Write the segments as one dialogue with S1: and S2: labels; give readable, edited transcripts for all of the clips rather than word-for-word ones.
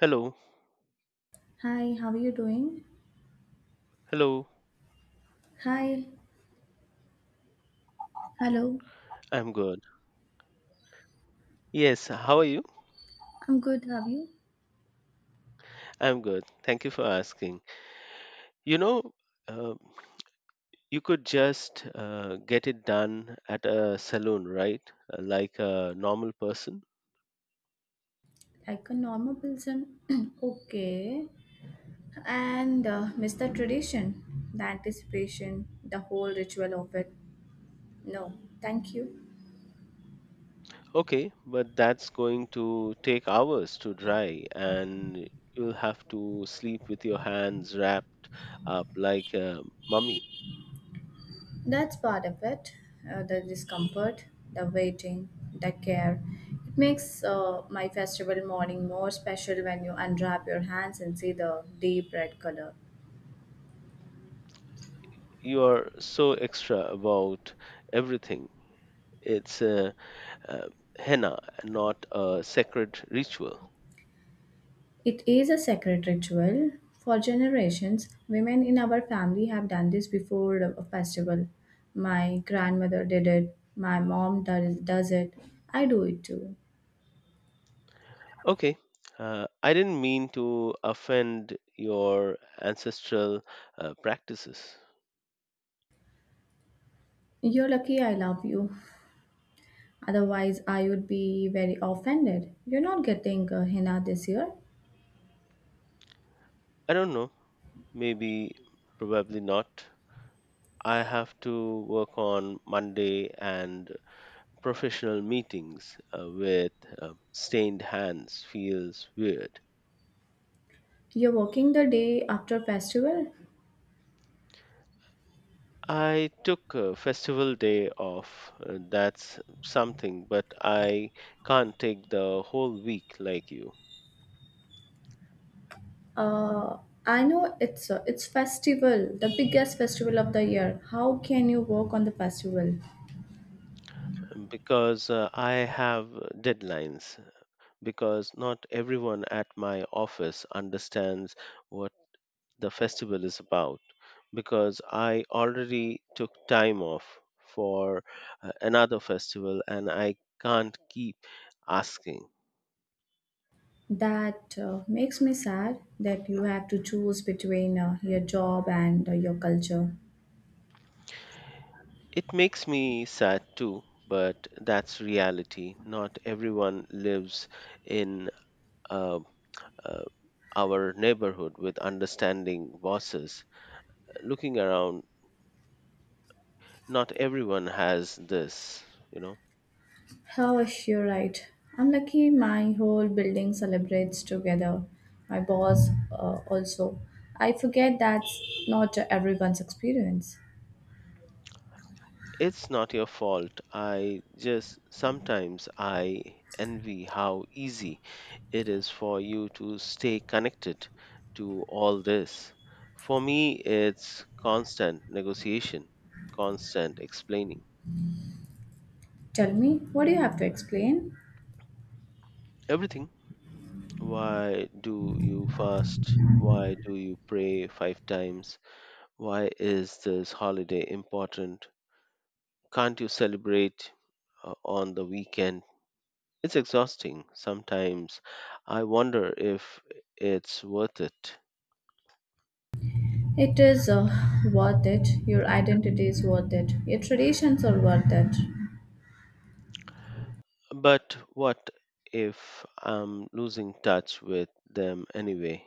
S1: Hello.
S2: Hi, how are you doing?
S1: Hello.
S2: Hi, hello.
S1: I'm good. Yes. How are you?
S2: I'm good. How are you?
S1: I'm good. Thank you for asking. You know, uh, you could just get it done at a salon, right? Like a normal person.
S2: Like a normal person? okay. And miss the tradition, the anticipation, the whole ritual of it. No, thank you.
S1: Okay, but that's going to take hours to dry, and you'll have to sleep with your hands wrapped up like a mummy.
S2: That's part of it. The discomfort, the waiting, the care. It makes my festival morning more special when you unwrap your hands and see the deep red color.
S1: You are so extra about everything. It's uh, henna, not a sacred ritual.
S2: It is a sacred ritual. For generations, women in our family have done this before a festival. My grandmother did it. My mom does it. I do it too.
S1: Okay, I didn't mean to offend your ancestral practices.
S2: You're lucky I love you. Otherwise, I would be very offended. You're not getting henna this year.
S1: I don't know, maybe, probably not. I have to work on Monday and professional meetings with stained hands feels weird.
S2: You're working the day after festival.
S1: I took a festival day off, that's something, but I can't take the whole week like you.
S2: Uh, I know it's festival, the biggest festival of the year. How can you work on the festival?
S1: Because I have deadlines, because not everyone at my office understands what the festival is about, because I already took time off for another festival and I can't keep asking.
S2: That makes me sad that you have to choose between your job and your culture.
S1: It makes me sad too, but that's reality. Not everyone lives in uh, uh, our neighborhood with understanding bosses. Looking around, not everyone has this, you know.
S2: Oh, you're right. I'm lucky my whole building celebrates together. My boss also. I forget that's not everyone's experience.
S1: It's not your fault. I just sometimes I envy how easy it is for you to stay connected to all this. For me, it's constant negotiation, constant explaining
S2: Tell me, what do you have to explain?
S1: everything. Why do you fast? Why do you pray five times? Why is this holiday important? Can't you celebrate on the weekend? It's exhausting. Sometimes I wonder if it's worth it.
S2: It is worth it. Your identity is worth it. Your traditions are worth it.
S1: But what if I'm losing touch with them anyway?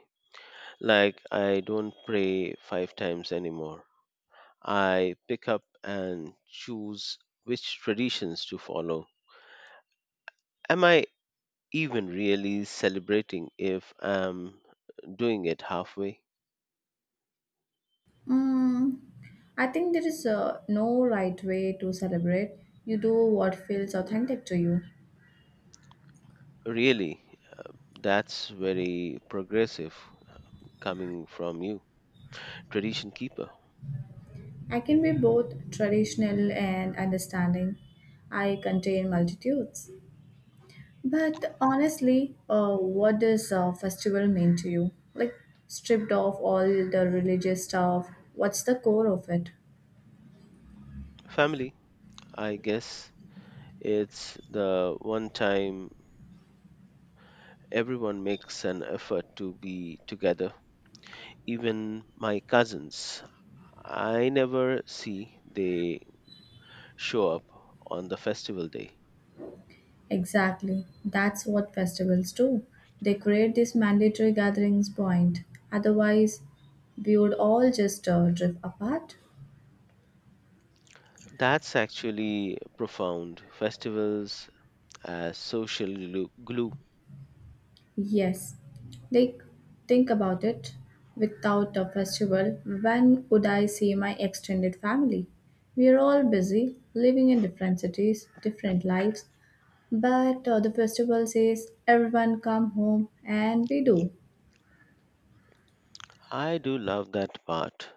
S1: Like I don't pray five times anymore. I pick up and choose which traditions to follow. Am I even really celebrating if I'm doing it halfway?
S2: Mm, I think there is no right way to celebrate. You do what feels authentic to you.
S1: Really, that's very progressive coming from you, tradition keeper.
S2: I can be both traditional and understanding. I contain multitudes. But honestly, what does a festival mean to you? Like, stripped of all the religious stuff, what's the core of it?
S1: Family, I guess. It's the one time everyone makes an effort to be together. Even my cousins, I never see they show up on the festival day.
S2: Exactly. That's what festivals do. They create this mandatory gatherings point. Otherwise, we would all just drift apart.
S1: That's actually profound. Festivals as social glue.
S2: Yes. Like, think about it. Without a festival, when would I see my extended family? We are all busy, living in different cities, different lives, but the festival says everyone come home, and we do.
S1: I do love that part,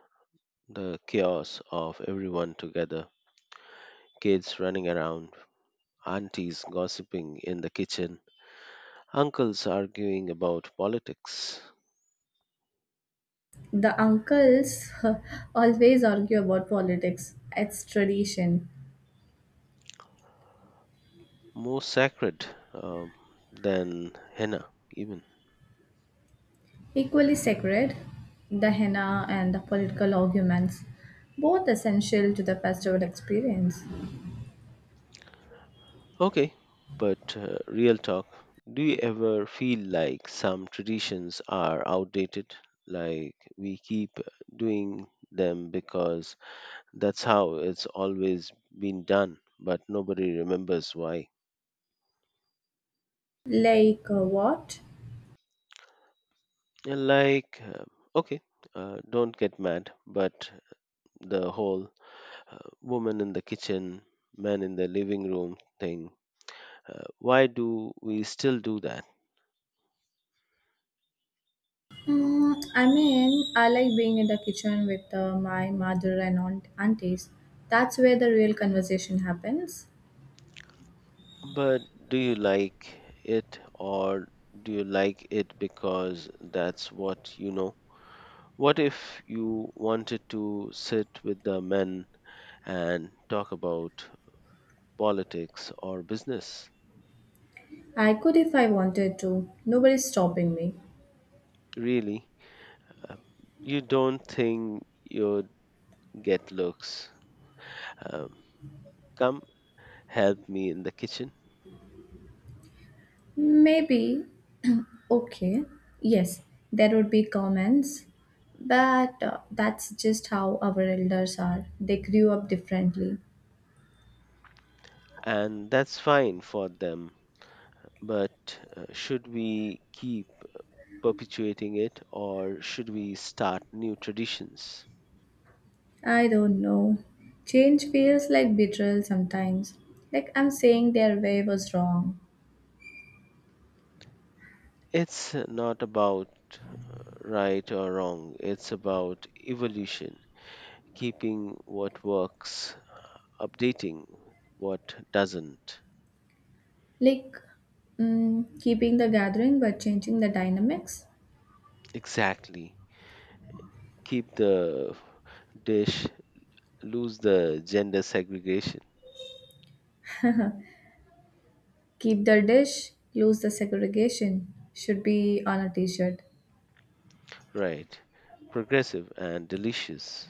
S1: the chaos of everyone together, kids running around, aunties gossiping in the kitchen, uncles arguing about politics.
S2: The uncles always argue about politics. It's tradition.
S1: More sacred um, than henna, even.
S2: Equally sacred, the henna and the political arguments, both essential to the festival experience.
S1: Okay, but real talk. Do you ever feel like some traditions are outdated? Like we keep doing them because that's how it's always been done, but nobody remembers why.
S2: Like what?
S1: Like, okay, don't get mad, but the whole woman in the kitchen, man in the living room thing. Why do we still do that?
S2: I mean, I like being in the kitchen with my mother and aunties. That's where the real conversation happens.
S1: But do you like it or do you like it because that's what you know? What if you wanted to sit with the men and talk about politics or business?
S2: I could if I wanted to. Nobody's stopping me.
S1: Really? Uh, you don't think you'd get looks. Um, come help me in the kitchen.
S2: Maybe. okay. Yes, there would be comments. But that's just how our elders are. They grew up differently.
S1: And that's fine for them. But should we keep perpetuating it or should we start new traditions?
S2: I don't know. Change feels like betrayal sometimes. Like I'm saying their way was wrong.
S1: It's not about uh, right or wrong, it's about evolution, keeping what works, updating what doesn't.
S2: Like keeping the gathering but changing the dynamics.
S1: Exactly. Keep the dish, lose the gender segregation.
S2: Keep the dish, lose the segregation. Should be on a t shirt.
S1: Right. Progressive and delicious.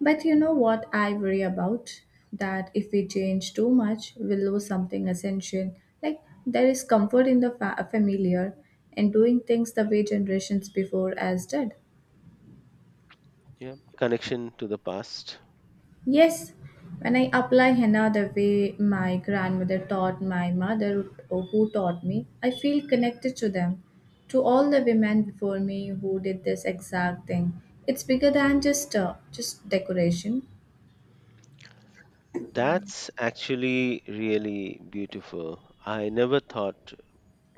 S2: But you know what I worry about? That if we change too much, we'll lose something essential. Like there is comfort in the familiar and doing things the way generations before us did.
S1: Yeah, connection to the past.
S2: Yes, when I apply henna the way my grandmother taught my mother or who taught me, I feel connected to them, to all the women before me who did this exact thing. It's bigger than just decoration.
S1: That's actually really beautiful. I never thought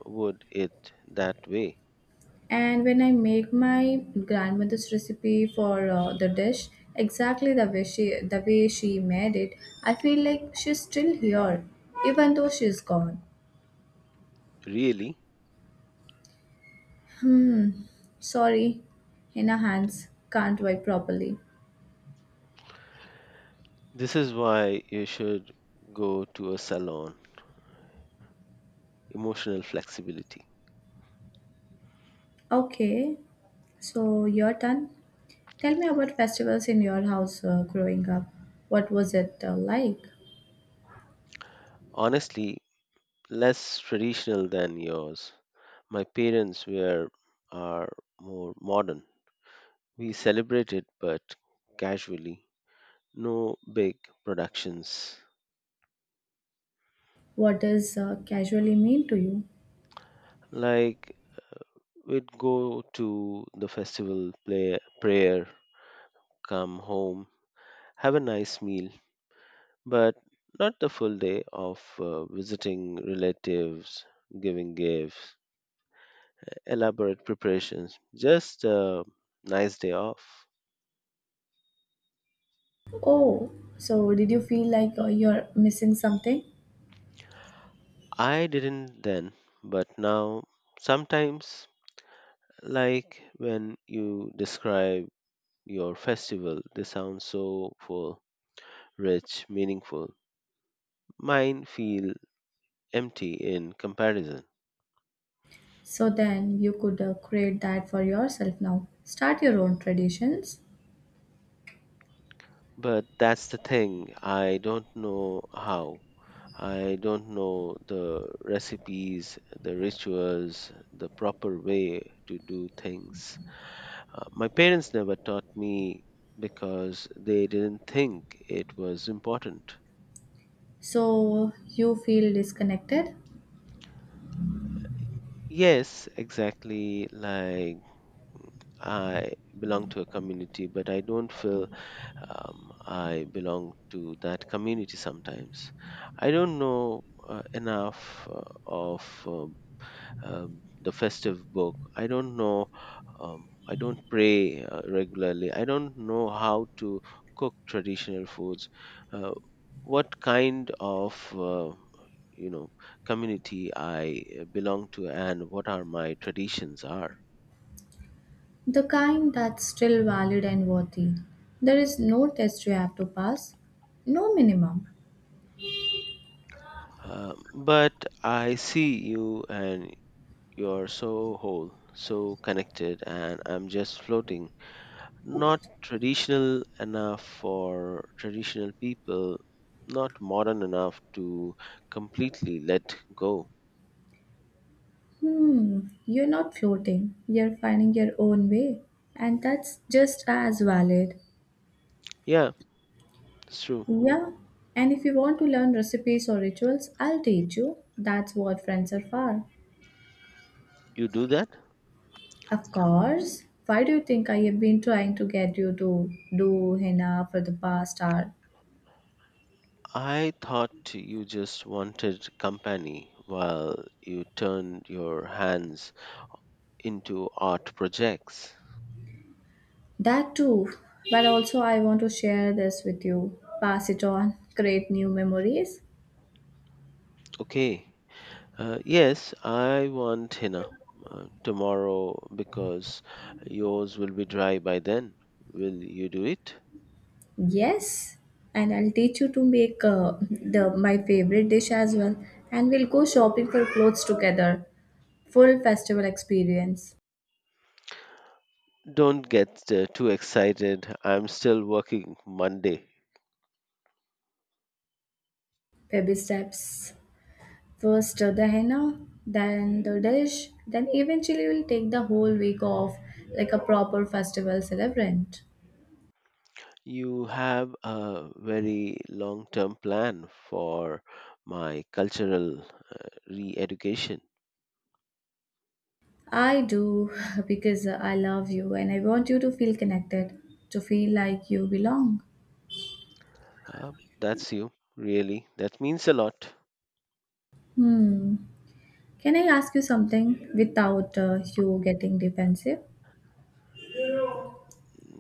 S1: would it that way.
S2: And when I make my grandmother's recipe for the dish exactly the way she made it, I feel like she's still here, even though she's gone.
S1: Really?
S2: Hmm. Sorry, in her hands can't wipe properly.
S1: This is why you should go to a salon, emotional flexibility.
S2: Okay, so your turn. Tell me about festivals in your house growing up. What was it like?
S1: Honestly, less traditional than yours. My parents were, are, more modern. We celebrated but casually, no big productions.
S2: What does casually mean to you?
S1: Like we'd go to the festival, play, prayer, come home, have a nice meal, but not the full day of visiting relatives, giving gifts, elaborate preparations, just a nice day off.
S2: Oh, so did you feel like you're missing something?
S1: I didn't then, but now sometimes, like when you describe your festival, they sound so full, rich, meaningful. Mine feel empty in comparison.
S2: So then you could create that for yourself now. Start your own traditions
S1: But that's the thing, I don't know how. I don't know the recipes, the rituals, the proper way to do things. My parents never taught me because they didn't think it was important.
S2: so you feel disconnected,
S1: Yes, exactly. Like I belong to a community, but I don't feel I belong to that community sometimes. I don't know enough of the festive book. I don't know. I don't pray regularly. I don't know how to cook traditional foods. Uh, what kind of you know community I belong to and what are my traditions are.
S2: the kind that's still valid and worthy. There is no test you have to pass, no minimum.
S1: But I see you and you're so whole, so connected, and I'm just floating. Not traditional enough for traditional people, not modern enough to completely let go.
S2: Hmm, you're not floating, you're finding your own way, and that's just as valid.
S1: Yeah, it's true.
S2: Yeah, and if you want to learn recipes or rituals, I'll teach you. That's what friends are for.
S1: You do that?
S2: Of course. Why do you think I have been trying to get you to do henna for the past hour?
S1: I thought you just wanted company while you turned your hands into art projects.
S2: That too. But also, I want to share this with you. Pass it on. Create new memories.
S1: Okay. Yes, I want henna tomorrow because yours will be dry by then. Will you do it?
S2: Yes. And I'll teach you to make the my favorite dish as well. And we'll go shopping for clothes together. Full festival experience.
S1: Don't get too excited. I'm still working Monday.
S2: Baby steps. First the henna, then the dish, then eventually we'll take the whole week off like a proper festival celebrant.
S1: You have a very long term plan for my cultural re education.
S2: I do because I love you and I want you to feel connected, to feel like you belong.
S1: Uh, that's you, really. That means a lot.
S2: Hmm. Can I ask you something without you getting defensive?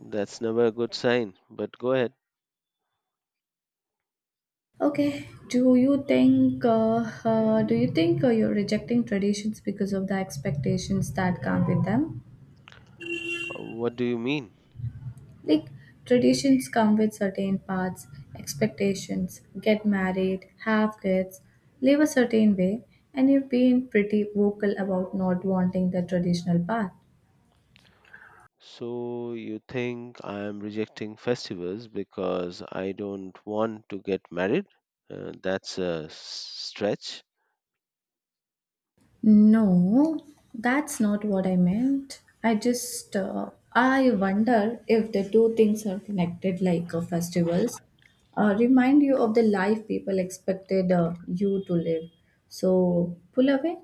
S1: That's never a good sign, but go ahead.
S2: Okay. Do you think you're rejecting traditions because of the expectations that come with them?
S1: What do you mean?
S2: Like traditions come with certain paths, expectations, get married, have kids, live a certain way, and you've been pretty vocal about not wanting the traditional path.
S1: So, you think I'm rejecting festivals because I don't want to get married? That's a stretch.
S2: No, that's not what I meant. I wonder if the two things are connected like festivals. Remind you of the life people expected you to live. So pull away.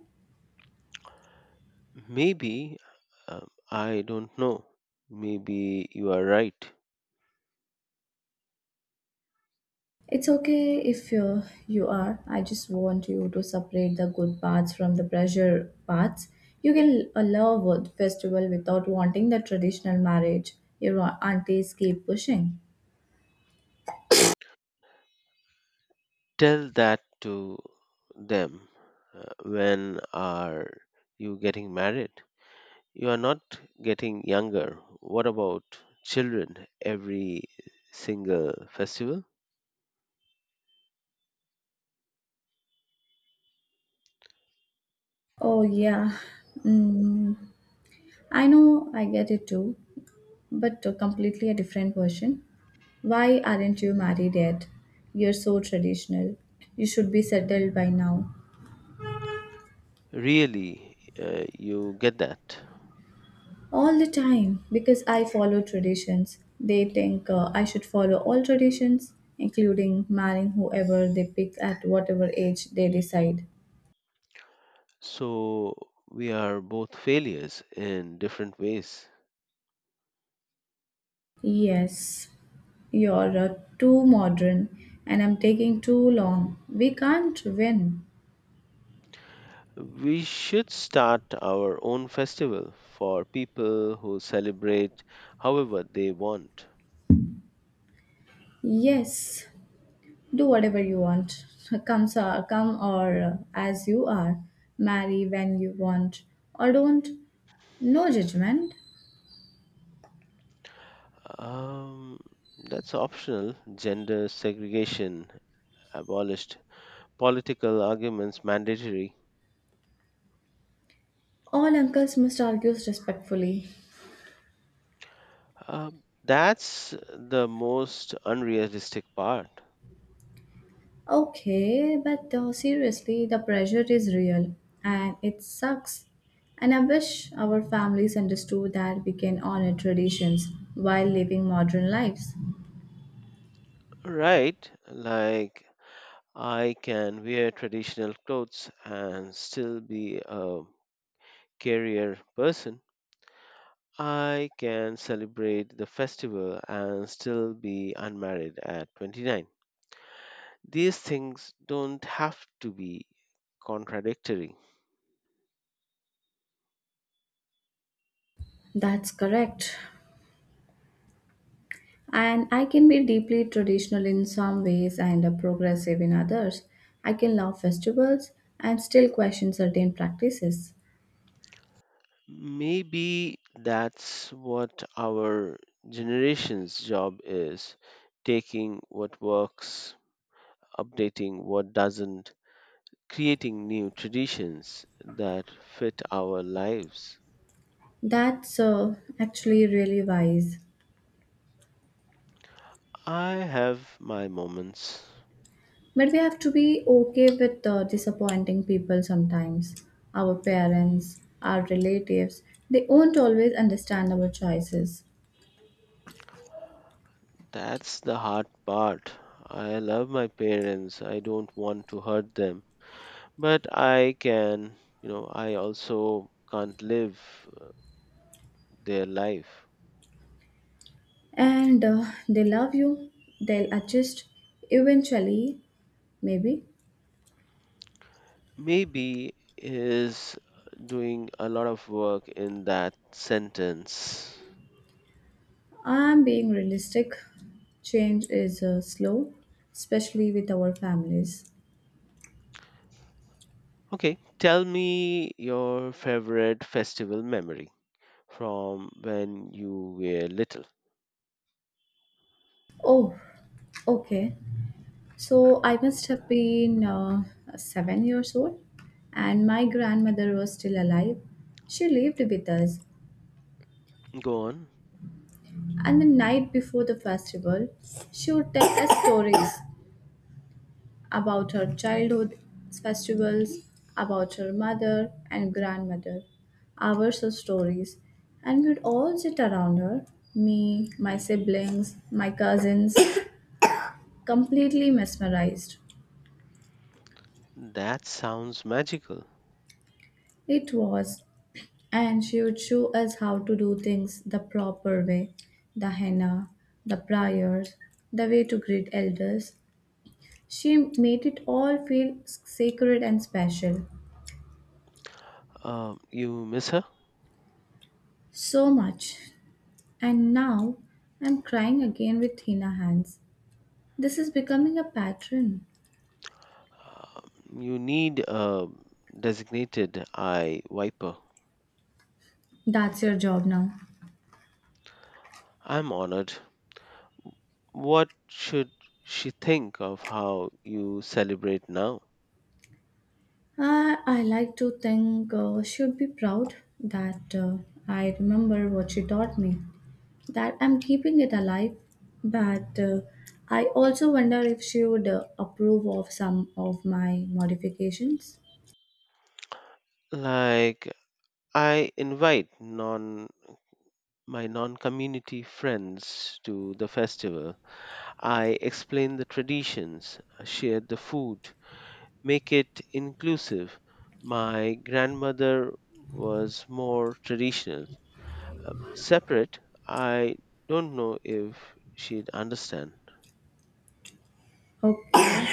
S1: Maybe, I don't know. Maybe you are right.
S2: It's okay if you are. I just want you to separate the good parts from the pressure parts. You can love a festival without wanting the traditional marriage. Your aunties keep pushing.
S1: Tell that to them. When are you getting married? You are not getting younger. What about children every single festival?
S2: Oh, yeah. Mm, I know, I get it too. But completely a different version. Why aren't you married yet? You're so traditional. You should be settled by now.
S1: Really, you get that.
S2: All the time, because I follow traditions. They think I should follow all traditions, including marrying whoever they pick at whatever age they decide.
S1: So we are both failures in different ways.
S2: Yes, you're too modern and I'm taking too long. We can't win.
S1: We should start our own festival for people who celebrate however they want.
S2: Yes, do whatever you want. Come, sir, come or as you are. Marry when you want or don't. No judgment.
S1: Um, that's optional. Gender segregation abolished. Political arguments mandatory.
S2: All uncles must argue respectfully.
S1: Uh, that's the most unrealistic part.
S2: Okay, but seriously, the pressure is real and it sucks. And I wish our families understood that we can honor traditions while living modern lives.
S1: Right, like I can wear traditional clothes and still be a career person. I can celebrate the festival and still be unmarried at 29. These things don't have to be contradictory.
S2: That's correct. And I can be deeply traditional in some ways and progressive in others. I can love festivals and still question certain practices.
S1: Maybe that's what our generation's job is, taking what works, updating what doesn't, creating new traditions that fit our lives.
S2: That's actually really wise.
S1: I have my moments.
S2: But we have to be okay with disappointing people sometimes. Our parents, our relatives, they won't always understand our choices.
S1: That's the hard part. I love my parents. I don't want to hurt them, but I can, you know, I also can't live their life.
S2: And they love you, they'll adjust eventually, maybe.
S1: Maybe is doing a lot of work in that sentence.
S2: I'm being realistic. Change is slow, especially with our families.
S1: Okay, tell me your favorite festival memory from when you were little.
S2: Oh, okay. So I must have been 7 years old, and my grandmother was still alive. She lived with us,
S1: Go on.
S2: and the night before the festival, she would tell us stories about her childhood festivals, about her mother and grandmother, hours of stories, and we'd all sit around her, me, my siblings, my cousins completely mesmerized.
S1: That sounds magical.
S2: It was. And she would show us how to do things the proper way, the henna, the prayers, the way to greet elders. She made it all feel sacred and special.
S1: You miss her?
S2: So much. And now I'm crying again with Hina hands. This is becoming a pattern.
S1: You need a designated eye wiper.
S2: That's your job now.
S1: I'm honored. What should she think of how you celebrate now?
S2: I like to think should be proud that I remember what she taught me, that I'm keeping it alive. But I also wonder if she would approve of some of my modifications.
S1: Like, I invite non my non-community friends to the festival. I explain the traditions, share the food, make it inclusive. My grandmother was more traditional. Separate, I don't know if she'd understand.
S2: Okay.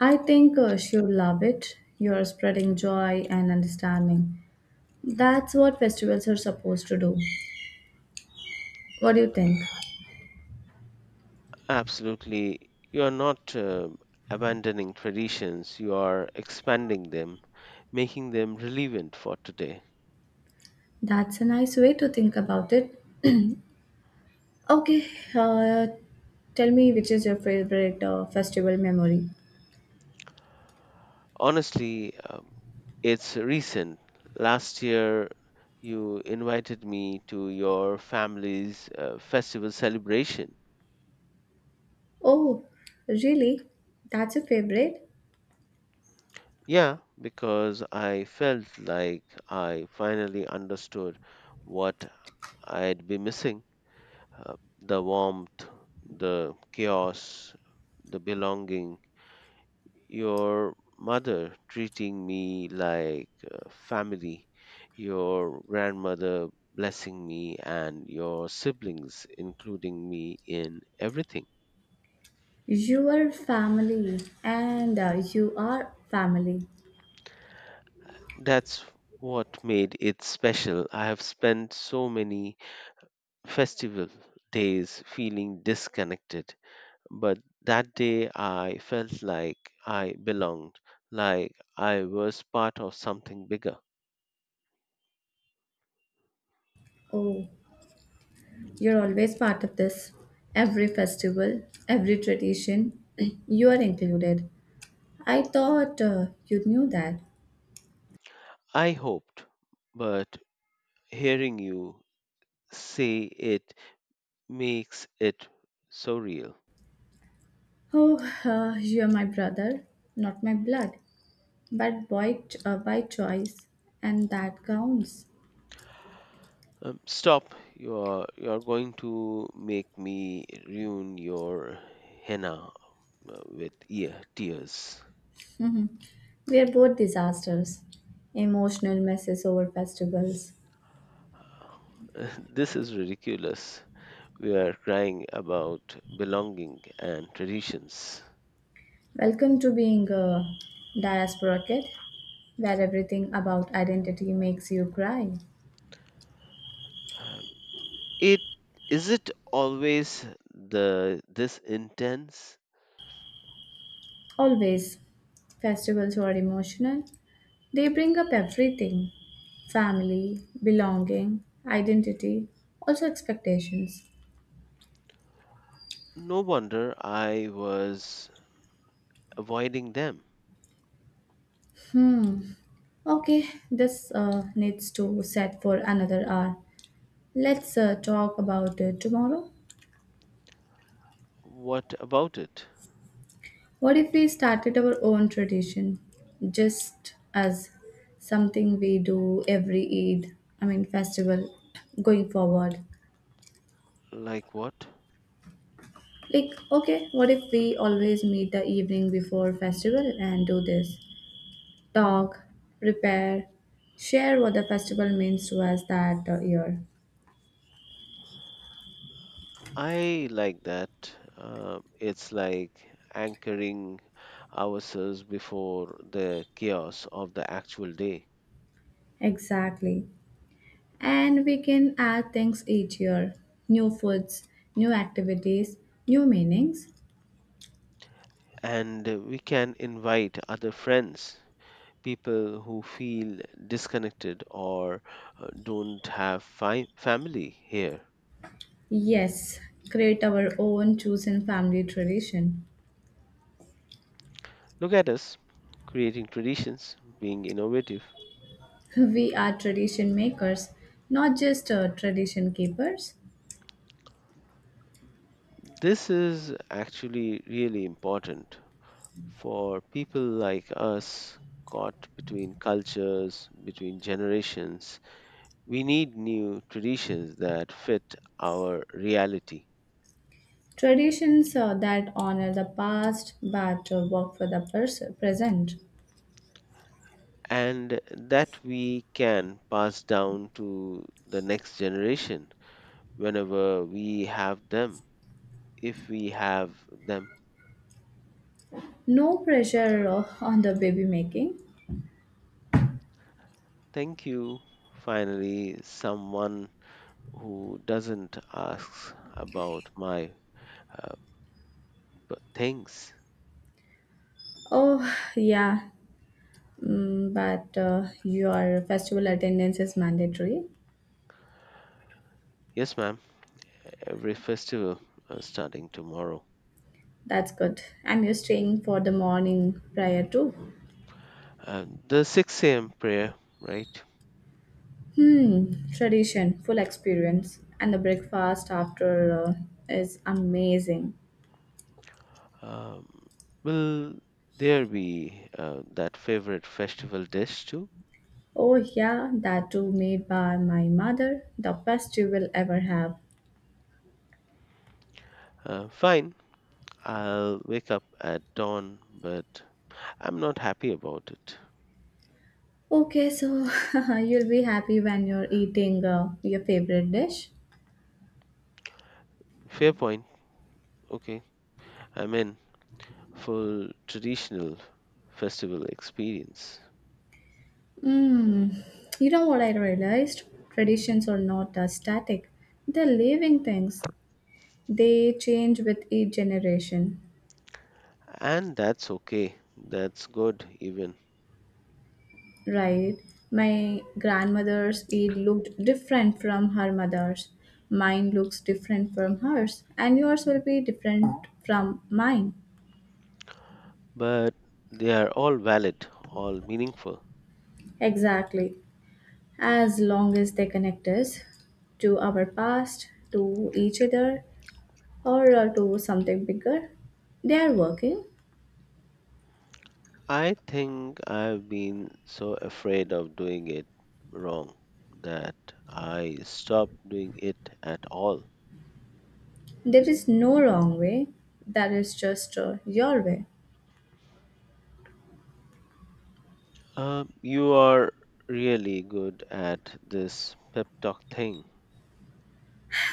S2: I think she'll love it. You're spreading joy and understanding. That's what festivals are supposed to do. What do you think?
S1: Absolutely. You are not abandoning traditions, you are expanding them, making them relevant for today.
S2: That's a nice way to think about it. Okay, uh, tell me which is your favorite festival memory?
S1: Honestly, it's recent. Last year, you invited me to your family's festival celebration.
S2: Oh, really? That's a favorite?
S1: Yeah, because I felt like I finally understood what I'd be missing. Uh, the warmth, the chaos, the belonging. Your mother treating me like family, your grandmother blessing me, and your siblings including me in everything.
S2: You are family and you are family.
S1: That's what made it special. I have spent so many festival days feeling disconnected. But that day I felt like I belonged, like I was part of something bigger.
S2: Oh, you're always part of this. Every festival, every tradition, you are included. I thought you knew that.
S1: I hoped, but hearing you say it makes it so real.
S2: Oh, you are my brother, not my blood, but by, by choice, and that counts.
S1: Stop, you're going to make me ruin your henna with ear tears.
S2: We are both disasters, emotional messes over festivals.
S1: This is ridiculous. We are crying about belonging and traditions.
S2: Welcome to being a diaspora kid, where everything about identity makes you cry.
S1: Uh, It is it always the this intense?
S2: Always, festivals are emotional. They bring up everything, family, belonging, identity, also expectations.
S1: No wonder I was avoiding them.
S2: Hmm. Okay, this needs to set for another hour. Let's talk about it tomorrow.
S1: What about it?
S2: What if we started our own tradition just as something we do every Eid, I mean festival, going forward?
S1: Like what?
S2: Like, okay, what if we always meet the evening before festival and do this? Talk, prepare, share what the festival means to us that year.
S1: I like that. It's like anchoring ourselves before the chaos of the actual day.
S2: Exactly. And we can add things each year, new foods, new activities, new meanings.
S1: And we can invite other friends, people who feel disconnected or don't have family here.
S2: Yes, create our own chosen family tradition.
S1: Look at us creating traditions, being innovative.
S2: We are tradition makers, not just tradition keepers.
S1: This is actually really important for people like us caught between cultures, between generations. We need new traditions that fit our reality
S2: Traditions that honor the past but work for the present.
S1: and that we can pass down to the next generation whenever we have them, if we have them.
S2: No pressure on the baby making.
S1: Thank you. Finally, someone who doesn't ask about my uh, things.
S2: Oh, yeah, but your festival attendance is mandatory.
S1: Yes, ma'am, every festival starting tomorrow.
S2: That's good. And you're staying for the morning prior too.
S1: And the 6 a.m. prayer, right?
S2: Hmm, tradition, full experience, and the breakfast after uh, is amazing.
S1: Um, will there be that favorite festival dish too?
S2: Oh yeah, that too, made by my mother, the best you will ever have.
S1: Fine, I'll wake up at dawn, but I'm not happy about it.
S2: Okay, so you'll be happy when you're eating your favorite dish.
S1: Fair point. Okay, I'm in full traditional festival experience.
S2: Hmm, you know what I realized? Traditions are not static; they're living things. They change with each generation.
S1: And that's okay. That's good, even.
S2: Right. My grandmother's it looked different from her mother's. Mine looks different from hers, and yours will be different from mine.
S1: But they are all valid, all meaningful.
S2: Exactly. As long as they connect us to our past, to each other, or to something bigger, they are working.
S1: I think I've been so afraid of doing it wrong that I stopped doing it at all.
S2: There is no wrong way. That is just your way.
S1: You are really good at this pep talk thing.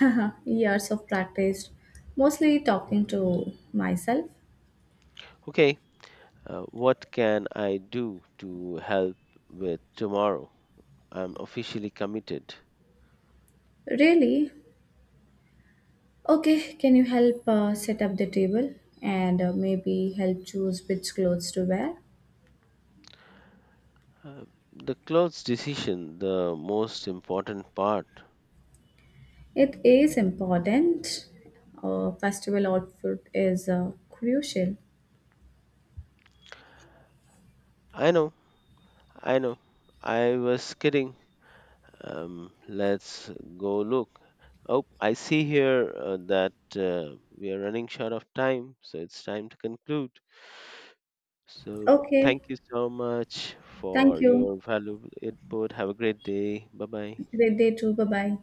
S2: Years of practice, mostly talking to myself.
S1: Okay, what can I do to help with tomorrow? I'm officially committed.
S2: Really, okay, can you help set up the table and maybe help choose which clothes to wear?
S1: Uh, the clothes decision, the most important part.
S2: It is important. Festival outfit is crucial.
S1: I know, I know. I was kidding. Let's go look. Oh, I see here that we are running short of time, so it's time to conclude. So,
S2: Okay,
S1: thank you so much
S2: thank
S1: for
S2: you.
S1: your valuable input. Have a great day. Bye bye.
S2: Great day too. Bye bye.